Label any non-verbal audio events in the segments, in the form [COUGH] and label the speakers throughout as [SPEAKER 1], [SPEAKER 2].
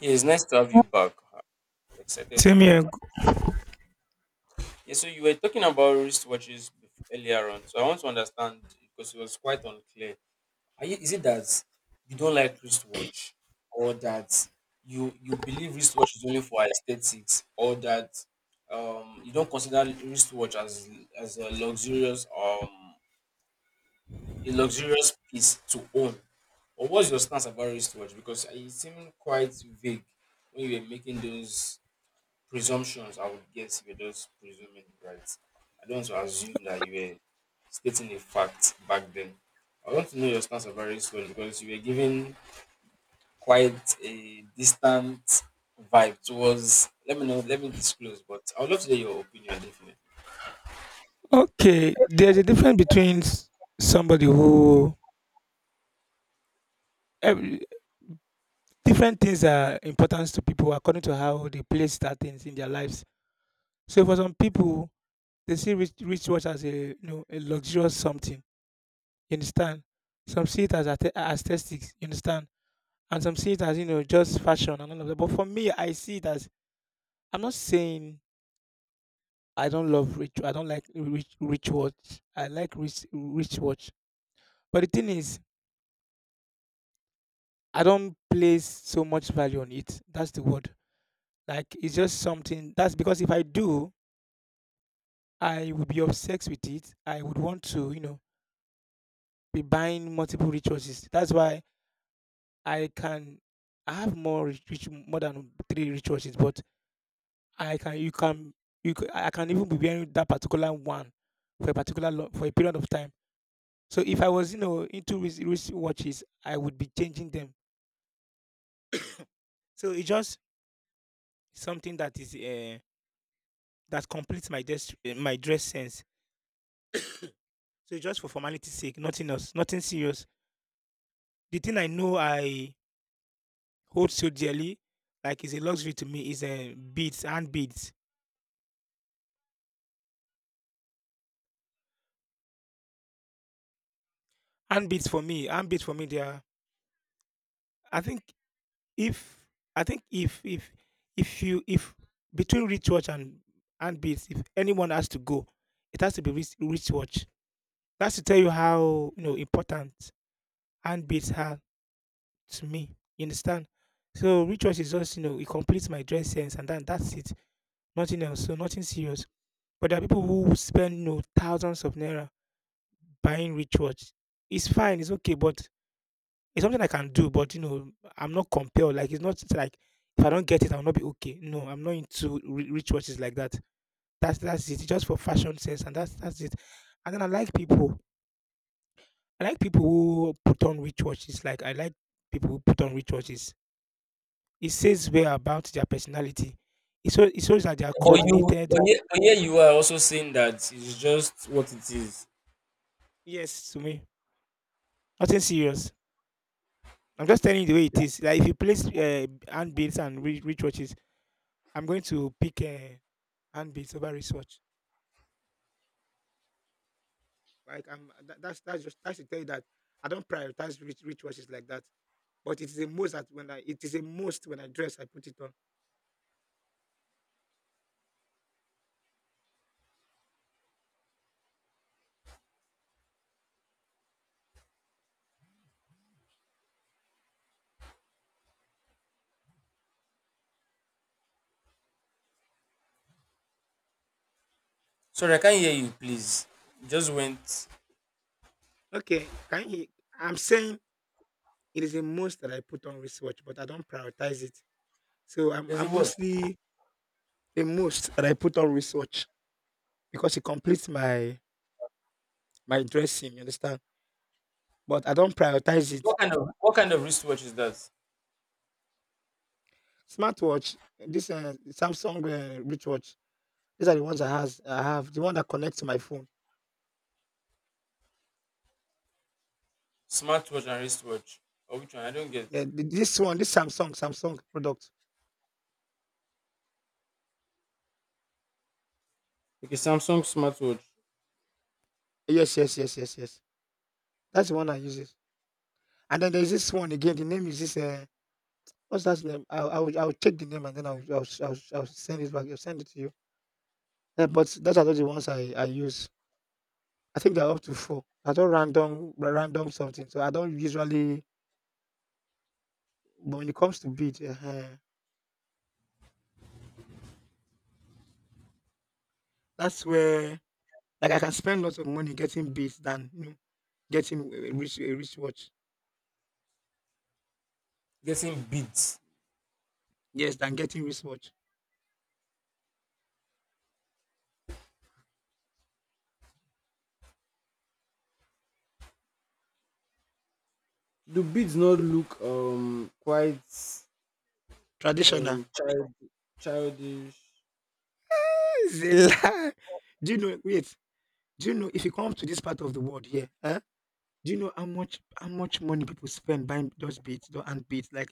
[SPEAKER 1] Yeah, it's nice to have you back. I'm excited
[SPEAKER 2] Same
[SPEAKER 1] to.
[SPEAKER 2] here.
[SPEAKER 1] Yeah, so you were talking about wristwatches earlier on. So I want to understand because it was quite unclear. Is it that you don't like wristwatch, or that you believe wristwatch is only for aesthetics, or that you don't consider wristwatch as as a luxurious um a luxurious piece to own, or what's your stance about wristwatch? Because it seemed quite vague when you were making those presumptions I would guess you were just presuming, right? I don't want to assume that you were stating a fact back then. I want to know your stance on various ones because you were giving quite a distant vibe towards. Let me know. Let me disclose, but I would love to hear your opinion definitely.
[SPEAKER 2] Okay, there's a difference between somebody who every, different things are important to people according to how they place that things in their lives. So for some people, they see rich watch as a luxurious something. You understand? Some see it as aesthetics. You understand? And some see it as just fashion and all of that. But for me, I see it as I'm not saying I don't love rich. I don't like rich watch. I like rich watch. But the thing is, I don't place so much value on it. That's the word. Like it's just something that's because if I do, I would be obsessed with it. I would want to be buying multiple resources. That's why I can I have more reach more than three resources, but I can you c- I can even be wearing that particular one for a period of time. So if I was into wrist watches, I would be changing them. So it's just something that completes my dress sense. So it's just for formality's sake, nothing else, nothing serious. The thing I know I hold so dearly, like is a luxury to me, is beads, hand beads, hand beads for me, hand beads for me. They are. I think if I think if if you if between rich watch and hand beads, if anyone has to go, it has to be rich watch. That's to tell you how important hand beads are to me. You understand? So rituals is just it completes my dress sense and then that's it. Nothing else. So nothing serious. But there are people who spend thousands of naira buying rituals. It's fine. It's okay. But it's something I can do. But I'm not compelled. Like it's not like if I don't get it, I'll not be okay. No, I'm not into rituals like that. That's it. It's just for fashion sense and that's it. And then I like people. I like people who put on rituals. Like I like people who put on rituals. It says well about their personality. It shows that they are
[SPEAKER 1] But you,
[SPEAKER 2] coordinated.
[SPEAKER 1] but here you are also saying that it's just what it is.
[SPEAKER 2] Yes, to me, nothing serious. I'm just telling you the way it is. Like if you place handbaits and wristwatches, I'm going to pick handbaits over wristwatch. Like I'm that, that's just that should tell you that I don't prioritize rich wristwatches like that. But it is a most that when I dress I put it on.
[SPEAKER 1] Sorry, I can't hear you. Please, you just went.
[SPEAKER 2] Okay, can you? I'm saying it is a most that I put on wristwatch, but I don't prioritize it. So I'm,
[SPEAKER 1] There's a
[SPEAKER 2] I'm
[SPEAKER 1] word.
[SPEAKER 2] mostly the most that I put on research because it completes my dressing. You understand? But I don't prioritize it.
[SPEAKER 1] What kind of wristwatch is that?
[SPEAKER 2] Smartwatch, this Samsung wristwatch. These are the ones I have. The one that connects to my phone.
[SPEAKER 1] Smartwatch and wristwatch. Or which one? I don't get.
[SPEAKER 2] Yeah, this one, this Samsung product.
[SPEAKER 1] Okay, Samsung smartwatch.
[SPEAKER 2] Yes, yes, yes, yes, yes. That's the one I use. And then there's this one again. The name is this. What's that name? I'll check the name and then I'll send it back. I'll send it to you. Yeah, but those are not the ones I use. I think they're up to 4. I don't random something. So I don't usually but when it comes to beads, that's where like I can spend lots of money getting beats than getting a wristwatch.
[SPEAKER 1] Getting beads.
[SPEAKER 2] Yes, than getting wristwatch.
[SPEAKER 1] Do beads not look quite
[SPEAKER 2] Traditional.
[SPEAKER 1] um child childish?
[SPEAKER 2] It's a lie. Do you know wait, do you know if you come to this part of the world here? Huh? Do you know how much money people spend buying those beats and beats like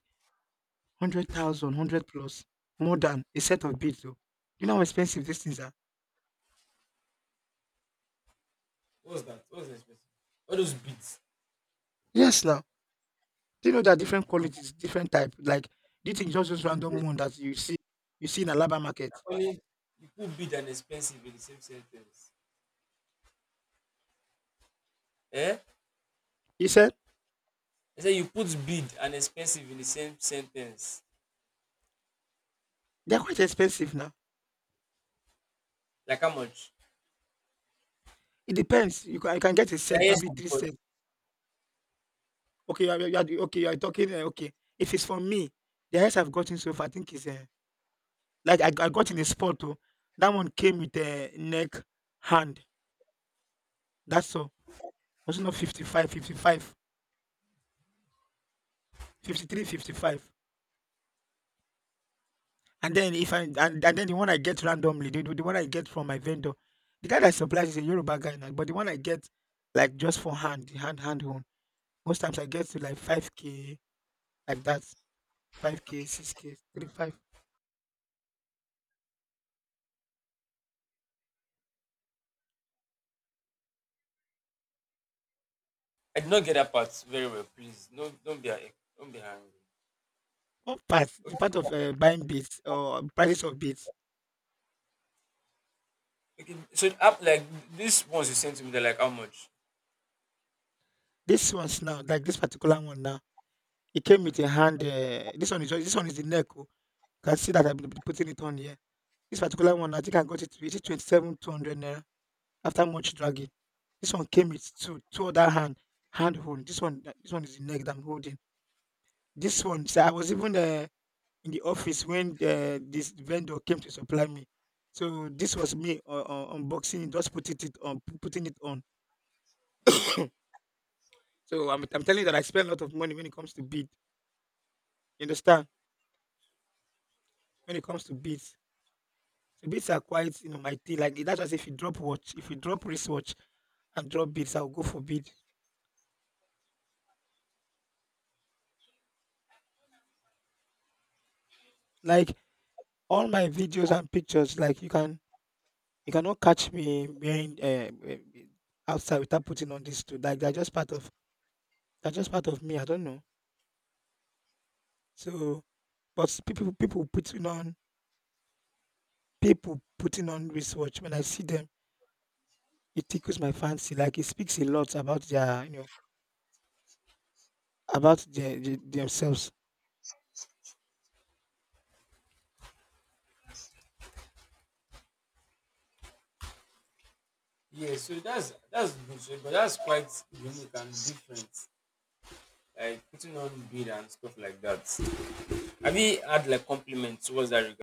[SPEAKER 2] 100,000, plus, more than a set of beats though. You know how expensive these things are?
[SPEAKER 1] What's that? What's expensive? All those beads.
[SPEAKER 2] Yes now. Do you know there are different qualities, different type? Like, do you think just this
[SPEAKER 1] Beads.
[SPEAKER 2] random
[SPEAKER 1] they-
[SPEAKER 2] one that you see in Alaba market?
[SPEAKER 1] Only you put bead and expensive in the same sentence. Eh?
[SPEAKER 2] He said
[SPEAKER 1] I say you put bead and expensive in the same sentence.
[SPEAKER 2] they're quite expensive now.
[SPEAKER 1] Like how much?
[SPEAKER 2] It depends. You can get a
[SPEAKER 1] Yeah,
[SPEAKER 2] set,
[SPEAKER 1] yes,
[SPEAKER 2] probably three
[SPEAKER 1] but
[SPEAKER 2] sets. Okay, you are talking. Okay, if it's for me, the highest I've gotten so far, I think is like I got in a spot too. That one came with a neck, hand. That's all. Was it not 55, 55, 53, 55? And then if I and then the one I get randomly, the one I get from my vendor, the guy that supplies is a Yoruba guy now, but the one I get like just for hand, the hand one. Most times I get to like 5K like that, 5K, 6K, 3-5.
[SPEAKER 1] I did not get that part very well. Please, don't be angry.
[SPEAKER 2] One part, the
[SPEAKER 1] Okay.
[SPEAKER 2] part of buying beads or prices of beads.
[SPEAKER 1] Okay, so app like these ones you sent to me, they're like how much?
[SPEAKER 2] This one's now like this particular one now. It came with a hand. This one is the neck. Oh. You can see that I've been putting it on here. This particular one, I think I got it. It is 27,200 naira after much dragging. This one came with two other hand hold. This one is the neck that I'm holding. This one, so I was even in the office when this vendor came to supply me. So this was me unboxing, it, just putting it on, putting it on. So I'm telling you that I spend a lot of money when it comes to bead. You understand? When it comes to beads, so beads are quite my thing. Like that's just if you drop watch, if you drop wristwatch, and drop beats. I'll go for beat. Like all my videos and pictures. You cannot catch me wearing eh, outside without putting on these two. Like they're just part of they're just part of me. I don't know. So, but people putting on wristwatch when I see them, it tickles my fancy. Like it speaks a lot about their you know about their, the- themselves.
[SPEAKER 1] Yeah, so that's good, so, but that's quite unique and different. Like putting on bead and stuff like that. Have you had like compliments towards that regard?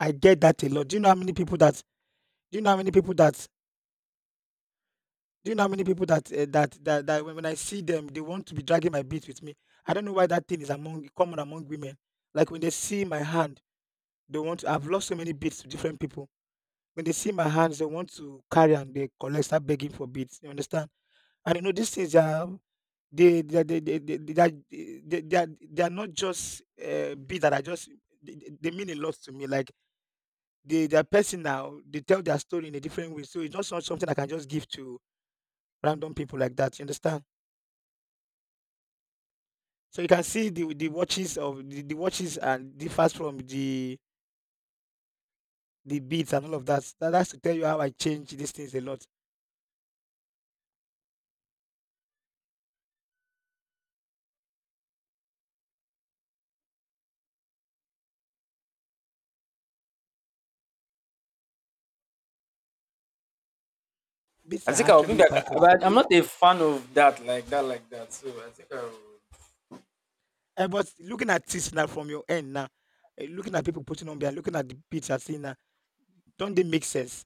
[SPEAKER 2] I get that a lot. Do you know how many people that? Do you know how many people that? Do you know how many people when I see them, they want to be dragging my beat with me. I don't know why that thing is among common among women. Like when they see my hand, They want I've lost so many beads to different people. When they see my hands, they want to carry and they collect, start begging for beads. You understand? And you know these things are they are not just beads that are just they mean a lot to me. Like they are personal. They tell their story in a different way. So it's not something I can just give to random people like that. You understand? So you can see the watches of the watches and differs from the beads and all of that. That has to tell you how I change these things a lot. These
[SPEAKER 1] I
[SPEAKER 2] are
[SPEAKER 1] think I'll be
[SPEAKER 2] actually
[SPEAKER 1] back,
[SPEAKER 2] part of
[SPEAKER 1] but I'm not a fan of that. So I think I will.
[SPEAKER 2] I was looking at this now from your end now, looking at people putting on there, looking at the picture, seeing now, don't they make sense?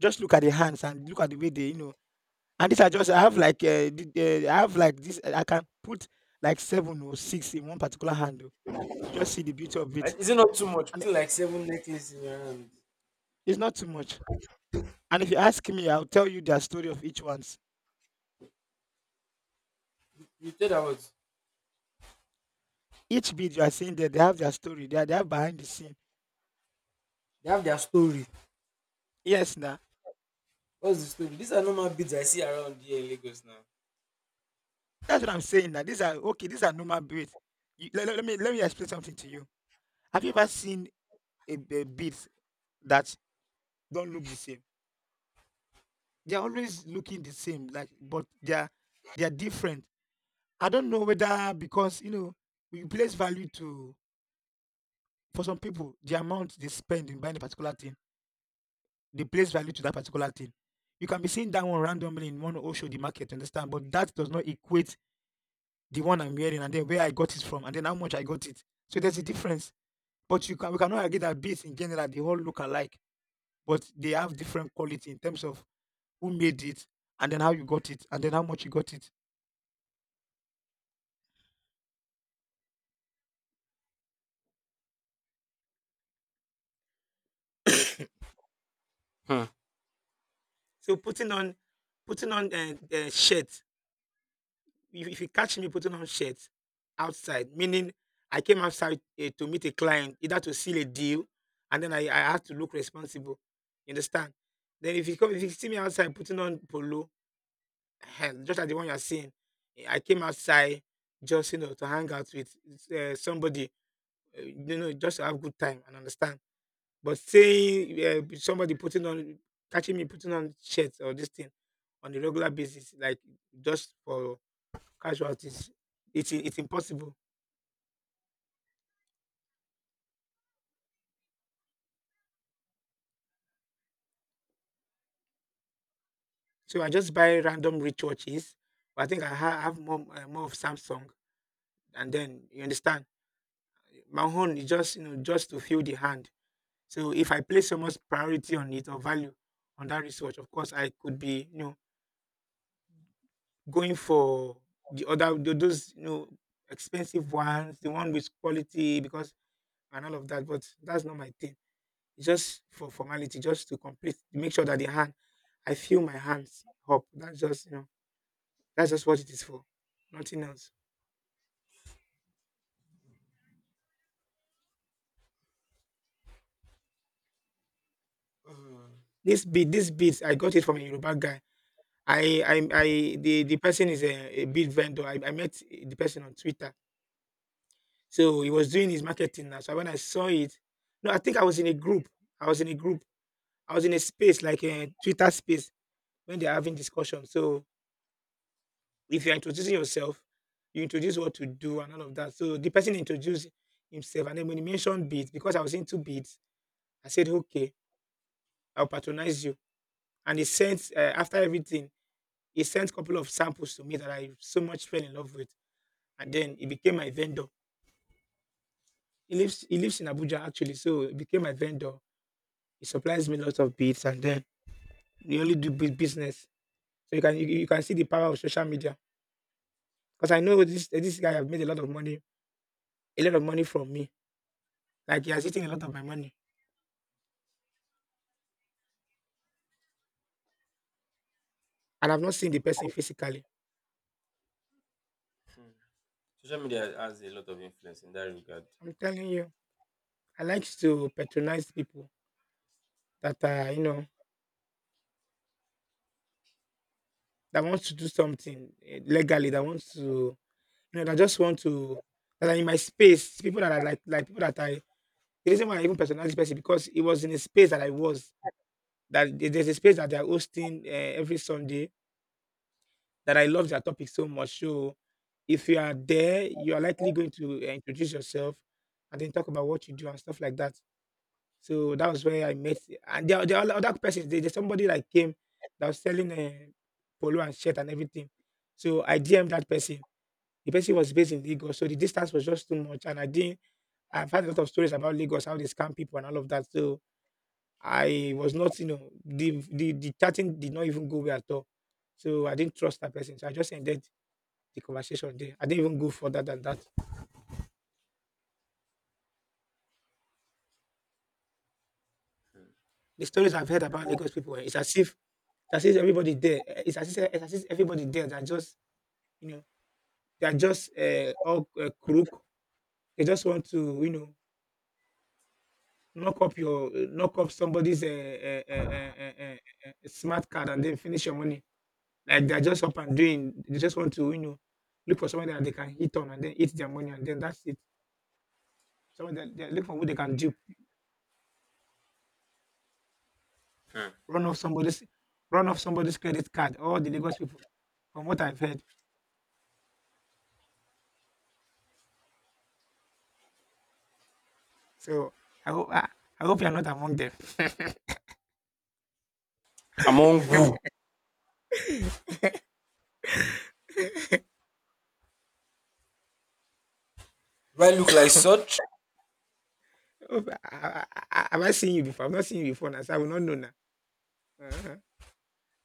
[SPEAKER 2] Just look at the hands and look at the way they. And these are just I have like this. I can put like seven or six in one particular hand. Oh. You just see the beauty of it,
[SPEAKER 1] Is it not too much?
[SPEAKER 2] and
[SPEAKER 1] Putting like seven necklaces in your hand.
[SPEAKER 2] it's not too much. And if you ask me, I'll tell you their story of each ones.
[SPEAKER 1] You tell them what
[SPEAKER 2] Each beat you are seeing there, they have their story. They have behind the scene.
[SPEAKER 1] they have their story.
[SPEAKER 2] Yes, now.
[SPEAKER 1] What's the story? These are normal beads I see around here in Lagos now.
[SPEAKER 2] That's what I'm saying That These are okay, these are normal beads. You, let, let, let me explain something to you. Have you ever seen a beads that don't look the same? They're always looking the same, like but they're different. I don't know whether because we place value to for some people the amount they spend in buying a particular thing, they place value to that particular thing. You can be seeing that one randomly in one Osho the market, you understand? But that does not equate the one I'm wearing and then where I got it from and then how much I got it. So there's a difference. But you can we cannot argue that beats in general they all look alike, but they have different quality in terms of who made it and then how you got it and then how much you got it.
[SPEAKER 1] Hmm.
[SPEAKER 2] So putting on shirt. If you catch me putting on shirt outside, meaning I came outside to meet a client, either to seal a deal, and then I have to look responsible. You understand? Then if you come, if you see me outside putting on polo, eh, just like the one you're seeing, eh, I came outside just you know to hang out with somebody just to have good time and understand. But saying somebody putting on, catching me putting on shirts or this thing on a regular basis, like just for casualties, it's impossible. So I just buy random ritual cheese. But I think I have more more of Samsung, and then you understand. My own is just you know just to feel the hand. So if I place so much priority on it or value on that research, of course I could be you know going for the other those you know expensive ones, the one with quality because and all of that. But that's not my thing. It's just for formality, just to complete, to make sure that the hand, I feel my hands up. That's just you know, that's just what it is for, nothing else.
[SPEAKER 1] Mhm.
[SPEAKER 2] This beads, I got it from a Yoruba guy. I, I, I the person is a bead vendor. I met the person on Twitter. So he was doing his marketing now. So when I saw it, no, I think I was in a group. I was in a group I was in a space like a Twitter space when they're having discussion. So if you're introducing yourself, you introduce what to do and all of that. So the person introduced himself, and then when he mentioned beads, because I was into beads, I said, "Okay, I'll patronize you." And he sent after everything, he sent a couple of samples to me that I so much fell in love with, and then he became my vendor. He lives in Abuja actually, so he became my vendor. He supplies me lots of beads and then we only do beat business. So you can see the power of social media. Because I know this guy have made a lot of money, a lot of money from me. Like he has eaten a lot of my money. And I've not seen the person physically.
[SPEAKER 1] Social media has a lot of influence in that regard.
[SPEAKER 2] I'm telling you, I like to patronize people that are, you know, that wants to do something eh, legally, that wants to, you know, that just want to that are in my space, people that are like people that I the reason why I even patronize this person because it was in a space that I was. That there's a space that they're hosting every Sunday that I love their topic so much. So if you are there, you are likely going to introduce yourself and then talk about what you do and stuff like that. So that was where I met. And there are other persons. There's somebody like came that was selling polo and shirt and everything. So I dm that person. The person was based in Lagos, so the distance was just too much. And I didn't. I've heard a lot of stories about Lagos, how they scam people and all of that. So I was not, you know, the chatting did not even go well at all. So I didn't trust that person. So I just ended the conversation there. I didn't even go further than that. The stories I've heard about Lagos people, eh, it's as if everybody there, eh, it's as if everybody there that just you know they are just all crook. They just want to you know knock up somebody's uh, uh, uh, uh, smart card and then finish your money. Like they're just up and doing. They just want to you know look for somebody that they can hit on and then eat their money and then that's it. Someone that they look for who they can dupe,
[SPEAKER 1] Hmm.
[SPEAKER 2] run off somebody's run off somebody's credit card. All the Lagos people, from what I've heard. So I hope I, I hope you're not among them. [LAUGHS]
[SPEAKER 1] Among who? Do I look like such?
[SPEAKER 2] Hope- I, I, have I seen you before? I've not seen you before now, so I will not know now. Uh-huh.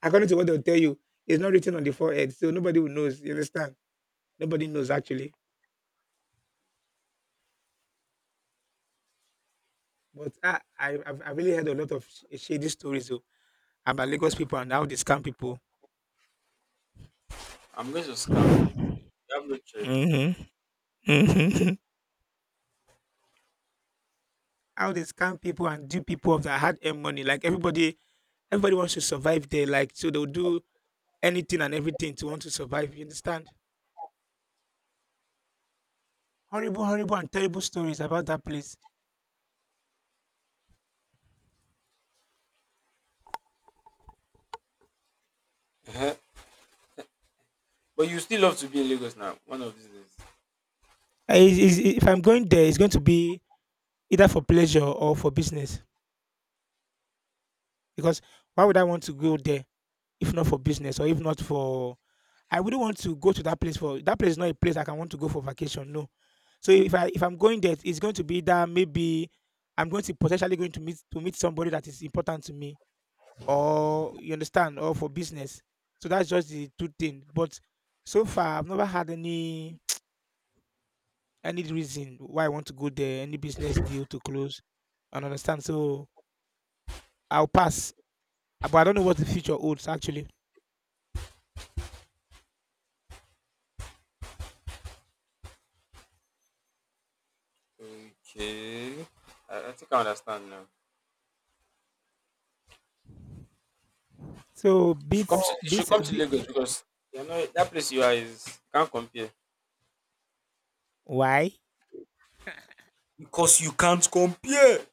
[SPEAKER 2] According to what they'll tell you, it's not written on the forehead, so nobody will knows. You understand? Nobody knows actually. But I've really heard a lot of shady stories oh, about Lagos people and how they scam people.
[SPEAKER 1] I'm going to scam you. You have no choice.
[SPEAKER 2] Mm-hmm. Mm-hmm. [LAUGHS] How they scam people and do people of their hard earned money. Like everybody, everybody wants to survive there. Like so, they'll do anything and everything to want to survive. You understand? Horrible, horrible, and terrible stories about that place.
[SPEAKER 1] uh But you still love to be in Lagos now. One of these days.
[SPEAKER 2] If I'm going there, it's going to be either for pleasure or for business. Because why would I want to go there if not for business or if not for? I wouldn't want to go to that place for that place. Is not a place I can want to go for vacation. No. So if I'm going there, it's going to be that maybe I'm going to potentially going to meet somebody that is important to me, or you understand, or for business. So that's just the two things. But so far, I've never had any reason why I want to go there, any business deal to close, and understand. So I'll pass. But I don't know what the future holds actually.
[SPEAKER 1] Okay. I think I understand now.
[SPEAKER 2] So beats
[SPEAKER 1] You should
[SPEAKER 2] beats
[SPEAKER 1] come to
[SPEAKER 2] be,
[SPEAKER 1] Lagos because you know that place you are is you can't compare.
[SPEAKER 2] why?
[SPEAKER 1] Because you can't compare.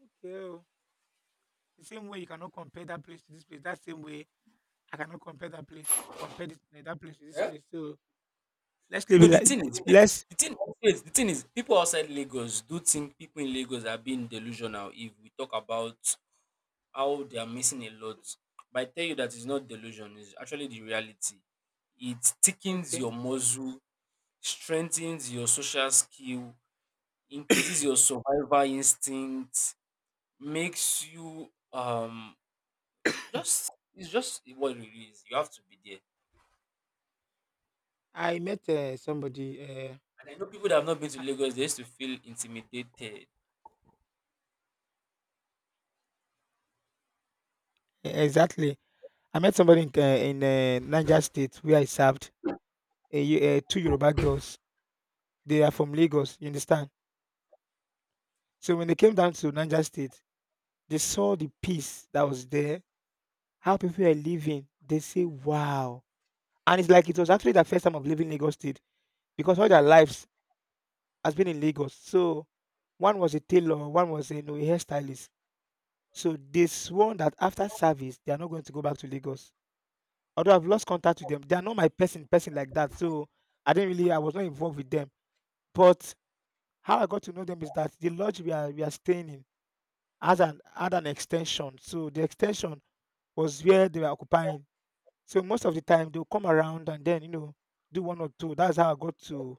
[SPEAKER 2] Okay. Oh. The same way you cannot compare that place to this place. That same way I cannot compare that place. Compare this, eh, that place to this
[SPEAKER 1] Yeah?
[SPEAKER 2] place. So let's leave
[SPEAKER 1] No,
[SPEAKER 2] it
[SPEAKER 1] the
[SPEAKER 2] like
[SPEAKER 1] thing is, pe-
[SPEAKER 2] let's.
[SPEAKER 1] the thing, wait, the thing is, people outside Lagos do think people in Lagos are being delusional. If we talk about how they are missing a lot. But I tell you that it's not delusion, it's actually the reality. It thickens
[SPEAKER 2] Okay.
[SPEAKER 1] your muscle, strengthens your social skill, increases your survival instinct, makes you just it's just what it is. You have to be there.
[SPEAKER 2] I met somebody.
[SPEAKER 1] And I know people that have not been to Lagos, they used to feel intimidated.
[SPEAKER 2] Exactly. I met somebody in, Niger State where I served. A, two Yoruba girls. They are from Lagos. You understand? So when they came down to Niger State, they saw the peace that was there, how people were living. They say, wow. And it's like it was actually their first time of living Lagos State because all their lives has been in Lagos. So one was a tailor, one was a, you know, a hairstylist. So they swore that after service, they are not going to go back to Lagos. Although I've lost contact with them, they are not my person, person like that. So I didn't really, I was not involved with them. But how I got to know them is that the lodge we are staying in has an had an extension. So the extension was where they were occupying. So most of the time they'll come around and then you know do one or two. That's how I got to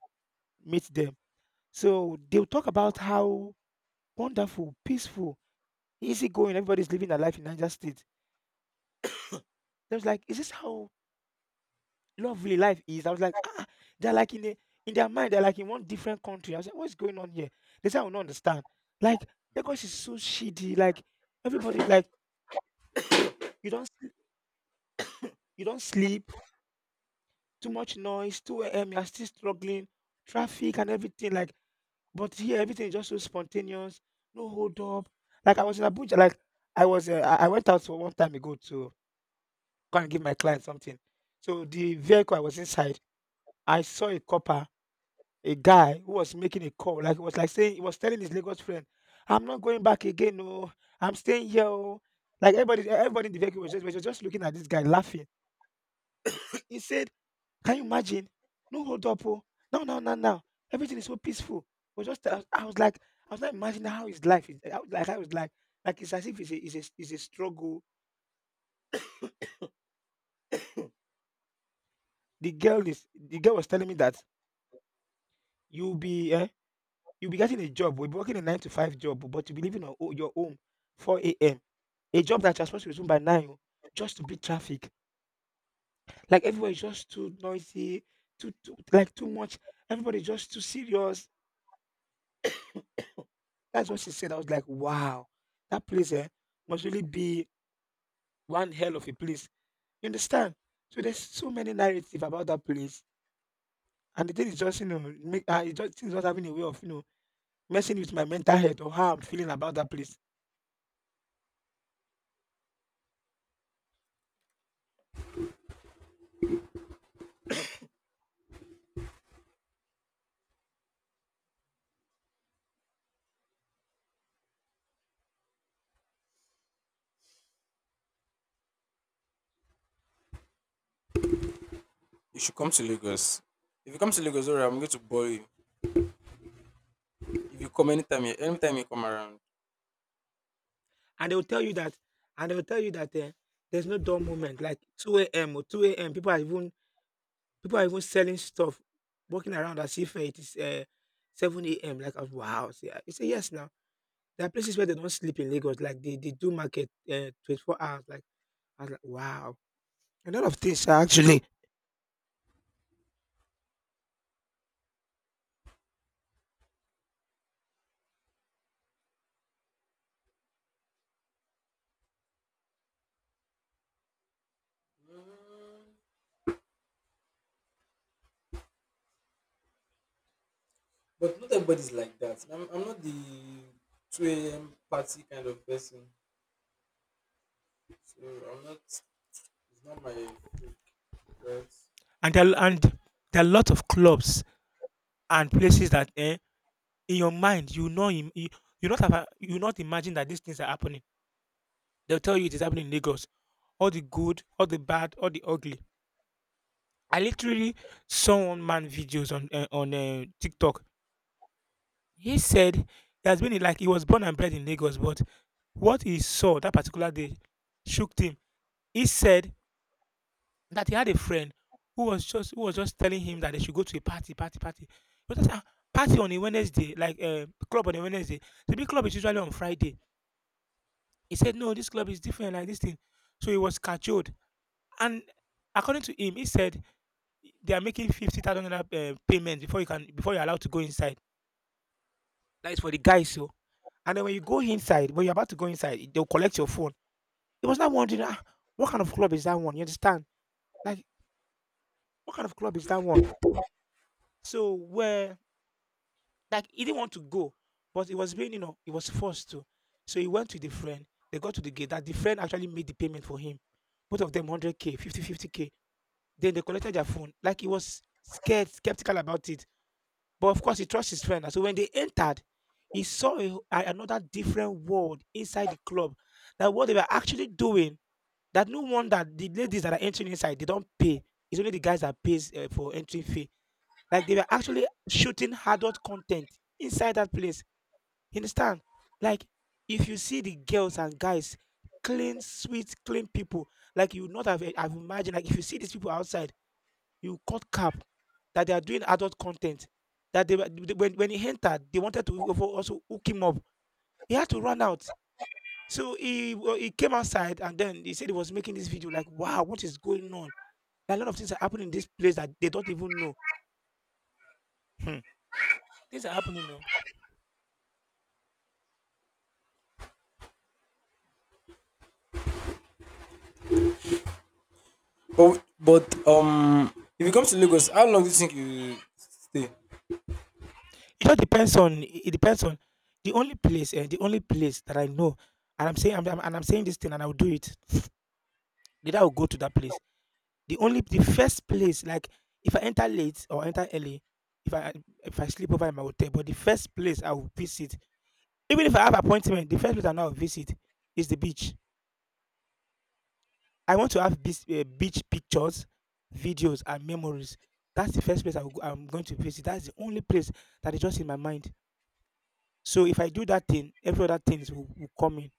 [SPEAKER 2] meet them. So they'll talk about how wonderful, peaceful, easy going everybody's living their life in Niger State. They was like, is this how lovely life is? I was like, ah, they're like in their mind, they're like in one different country. I was like, what's going on here? They said I will not understand. Like Lagos is so shitty. Like everybody, like you don't sl- you don't sleep. Too much noise, 2 a.m., you're still struggling, traffic and everything, like but here everything is just so spontaneous, no hold up. Like I was in Abuja, like I was I went out for one time ago to go and give my client something. So the vehicle I was inside, I saw a copper, a guy who was making a call, like he was telling his Lagos friend, I'm not going back again, no, I'm staying here. Oh. Like everybody in the vehicle was just looking at this guy laughing. He said can you imagine? No hold up. Oh. Now, now, now, now. Everything is so peaceful. It was just I was like imagining how his life is. How, like I was like it's as if it's a struggle. The girl was telling me that you'll be eh, you'll be getting a job. We'll be working a nine to five job, but you'll be leaving on your home 4 a.m. A job that you're supposed to resume by nine, oh, just to beat traffic. Like everywhere is just too noisy, too much. Everybody just too serious. That's what she said. I was like, wow, that place must really be one hell of a place. You understand? So there's so many narrative about that place. And the thing is just, it's just, things just having a way of, messing with my mental health or how I'm feeling about that place.
[SPEAKER 1] You should come to Lagos. If you come to Lagos, alright, I'm going to bore you. If you come anytime, anytime you come around.
[SPEAKER 2] And they'll tell you that, and they'll tell you that there's no dull moment. Like 2 a.m. or 2 a.m. People are even selling stuff, walking around as if it is 7 a.m. Like, I was, wow. So, yeah. You say, yes, now. There are places where they don't sleep in Lagos, like they do market, 24 hours. Like, I was like, "Wow!" A lot of things sha actually.
[SPEAKER 1] But not everybody's like that. I'm not the 2 a.m. party kind of person. So I'm not, it's not my freak, right?
[SPEAKER 2] And there are a lot of clubs and places that, in your mind you know im you you not have a you not imagine that these things are happening. They'll tell you it is happening in Lagos. All the good, all the bad, all the ugly. I literally saw one man videos on, on, TikTok. He said he has been in like he was born and bred in Lagos, but what he saw that particular day shook him. He said that he had a friend who was just telling him that they should go to a party. He was just, "Ah, party on a Wednesday, like club on a Wednesday. The big club is usually on Friday." He said, "No, this club is different, like this thing." So he was cajoled. And according to him, he said they are making $50,000 dollar payment before you're allowed to go inside. That is for the guys, so. And then when you go inside, when you're about to go inside, they'll collect your phone. He was not wondering, ah, what kind of club is that one? You understand? Like, what kind of club is that one? So where Like he didn't want to go, but it was being, you know, he was forced to. So he went with the friend. They got to the gate. That the friend actually made the payment for him. Both of them 100k, fifty k. Then they collected their phone. Like he was scared, skeptical about it. But of course, he trusts his friend. And so when they entered, he saw another different world inside the club. That what they were actually doing. That no wonder the ladies that are entering inside they don't pay. It's only the guys that pays for entry fee. Like they were actually shooting adult content inside that place, you understand? Like, if you see the girls and guys, clean, sweet, clean people, like you would not have, have imagined, like if you see these people outside, you cut cap that they are doing adult content. That they, were- they when he entered, they wanted to even also hook him up. He had to run out. So he came outside and then he said he was making this video like, wow, what is going on? Like, a lot of things are happening in this place that they don't even know. Hmm. Things are happening.
[SPEAKER 1] But if you come to Lagos, how long do you think you stay?
[SPEAKER 2] It depends on the only place the only place that I know, and I'm saying this thing and I'll do it. Later I'll go to that place. The first place, like if I enter late or enter early, if I if I sleep over in my hotel, but the first place I will visit, even if I have appointment, the first place I now visit is the beach. I want to have beach, beach pictures, videos, and memories. That's the first place I will, go- I'm going to visit. That's the only place that is just in my mind. So if I do that thing, every other things will come in.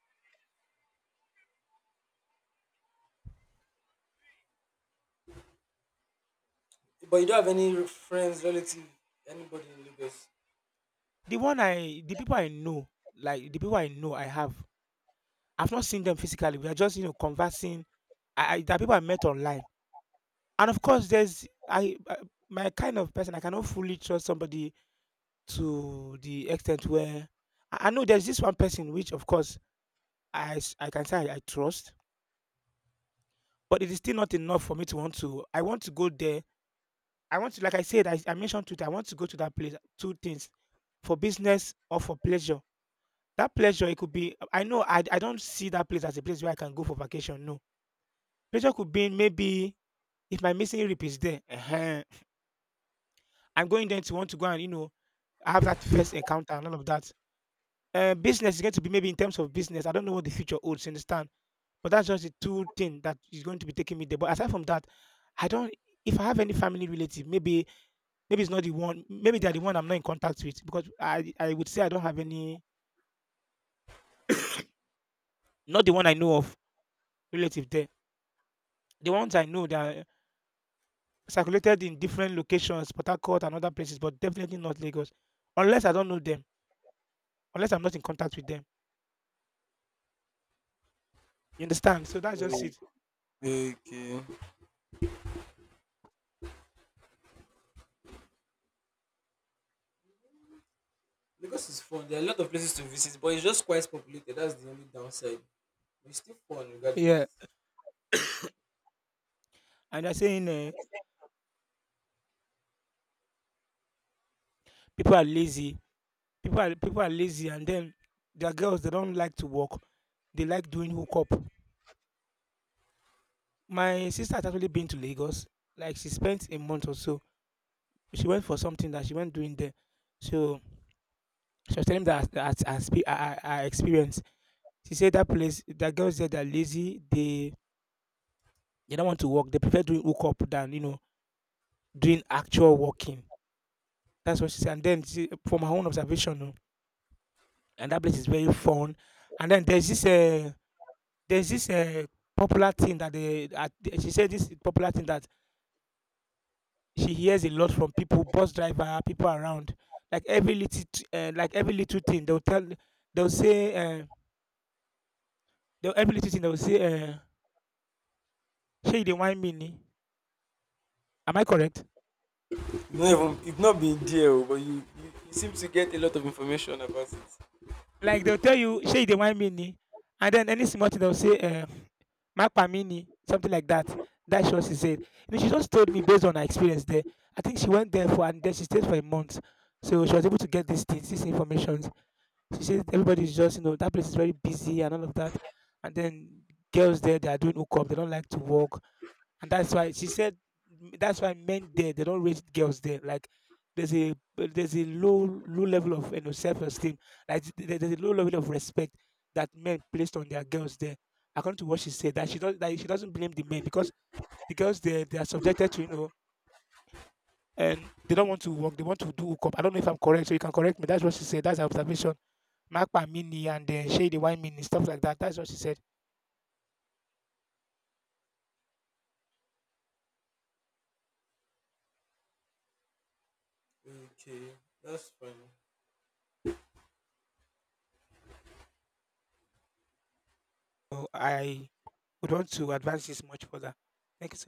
[SPEAKER 1] But you don't have any friends, relative, anybody in Lagos?
[SPEAKER 2] The people I know, like the people I know I have, I've not seen them physically. We are just, you know, conversing. I there are people I met online. And of course there's I my kind of person I cannot fully trust somebody to the extent where I know there's this one person which of course I can say I trust, but it is still not enough for me to want to I want to go there. I want to like I said, I mentioned Twitter, I want to go to that place, two things: for business or for pleasure. That pleasure, it could be I know I don't see that place as a place where I can go for vacation, no. Pleasure could be in, maybe if my missing rib is there, I'm going there to want to go and, you know, have that first encounter and all of that. Business is going to be maybe in terms of business. I don't know what the future holds, you understand? But that's just the two thing that is going to be taking me there. But aside from that, I don't if I have any family relative, maybe maybe it's not the one maybe they're the one I'm not in contact with, because I would say I don't have any, not the one I know of relative there. The ones I know that circulated in different locations, Port Harcourt and other places, but definitely not Lagos, unless I don't know them, unless I'm not in contact with them. You understand? So that's just
[SPEAKER 1] Okay.
[SPEAKER 2] it.
[SPEAKER 1] Okay. Lagos is fun. There are a lot of places to visit, but it's just quite populated. That's the only downside. But it's still fun
[SPEAKER 2] Yeah,
[SPEAKER 1] regardless.
[SPEAKER 2] and they're saying people are lazy. People are lazy, and then their girls they don't like to work. They like doing hookup. My sister has actually been to Lagos. Like she spent a month or so. She went for something that she went doing there. So she was telling me that her, her, her, spe- her, her her experience. She said that place, the girls there, they're lazy. They don't want to walk. They prefer doing hookup than, you know, doing actual walking. That's what she said. And then she, from her own observation, oh, and that place is very fun. And then there's this popular thing that they at, she said this popular thing that she hears a lot from people, bus driver, people around. Like every little thing they'll say uh, they'll every little thing they'll say, she didn't want me. Ni?" Am I correct?
[SPEAKER 1] You've not been there, oh, but you seem to get a lot of information about it.
[SPEAKER 2] Like they'll tell you, "Shey the one mini," and then any small thing they'll say, "Makpa mi," something like that. That's what she said. You know, she just told me based on her experience there. I think she went there for and then she stayed for a month. So she was able to get these things, these informations. She said everybody's just, you know, that place is very busy and all of that. And then girls there, they are doing hookup. They don't like to work, and that's why she said that's why men there they don't rate girls there, like there's a low level of, you know, self-esteem, like there's a low level of respect that men placed on their girls there. According to what she said, that she doesn't blame the men, because the girls, they are subjected to, you know, and they don't want to work, they want to do hookup. I don't know if I'm correct, so you can correct me. That's what she said, that's her observation. Makpa Mini and Shady Wine Mini, stuff like that. That's what she said.
[SPEAKER 1] Okay, that's fine.
[SPEAKER 2] So I would want to advance this much further. Next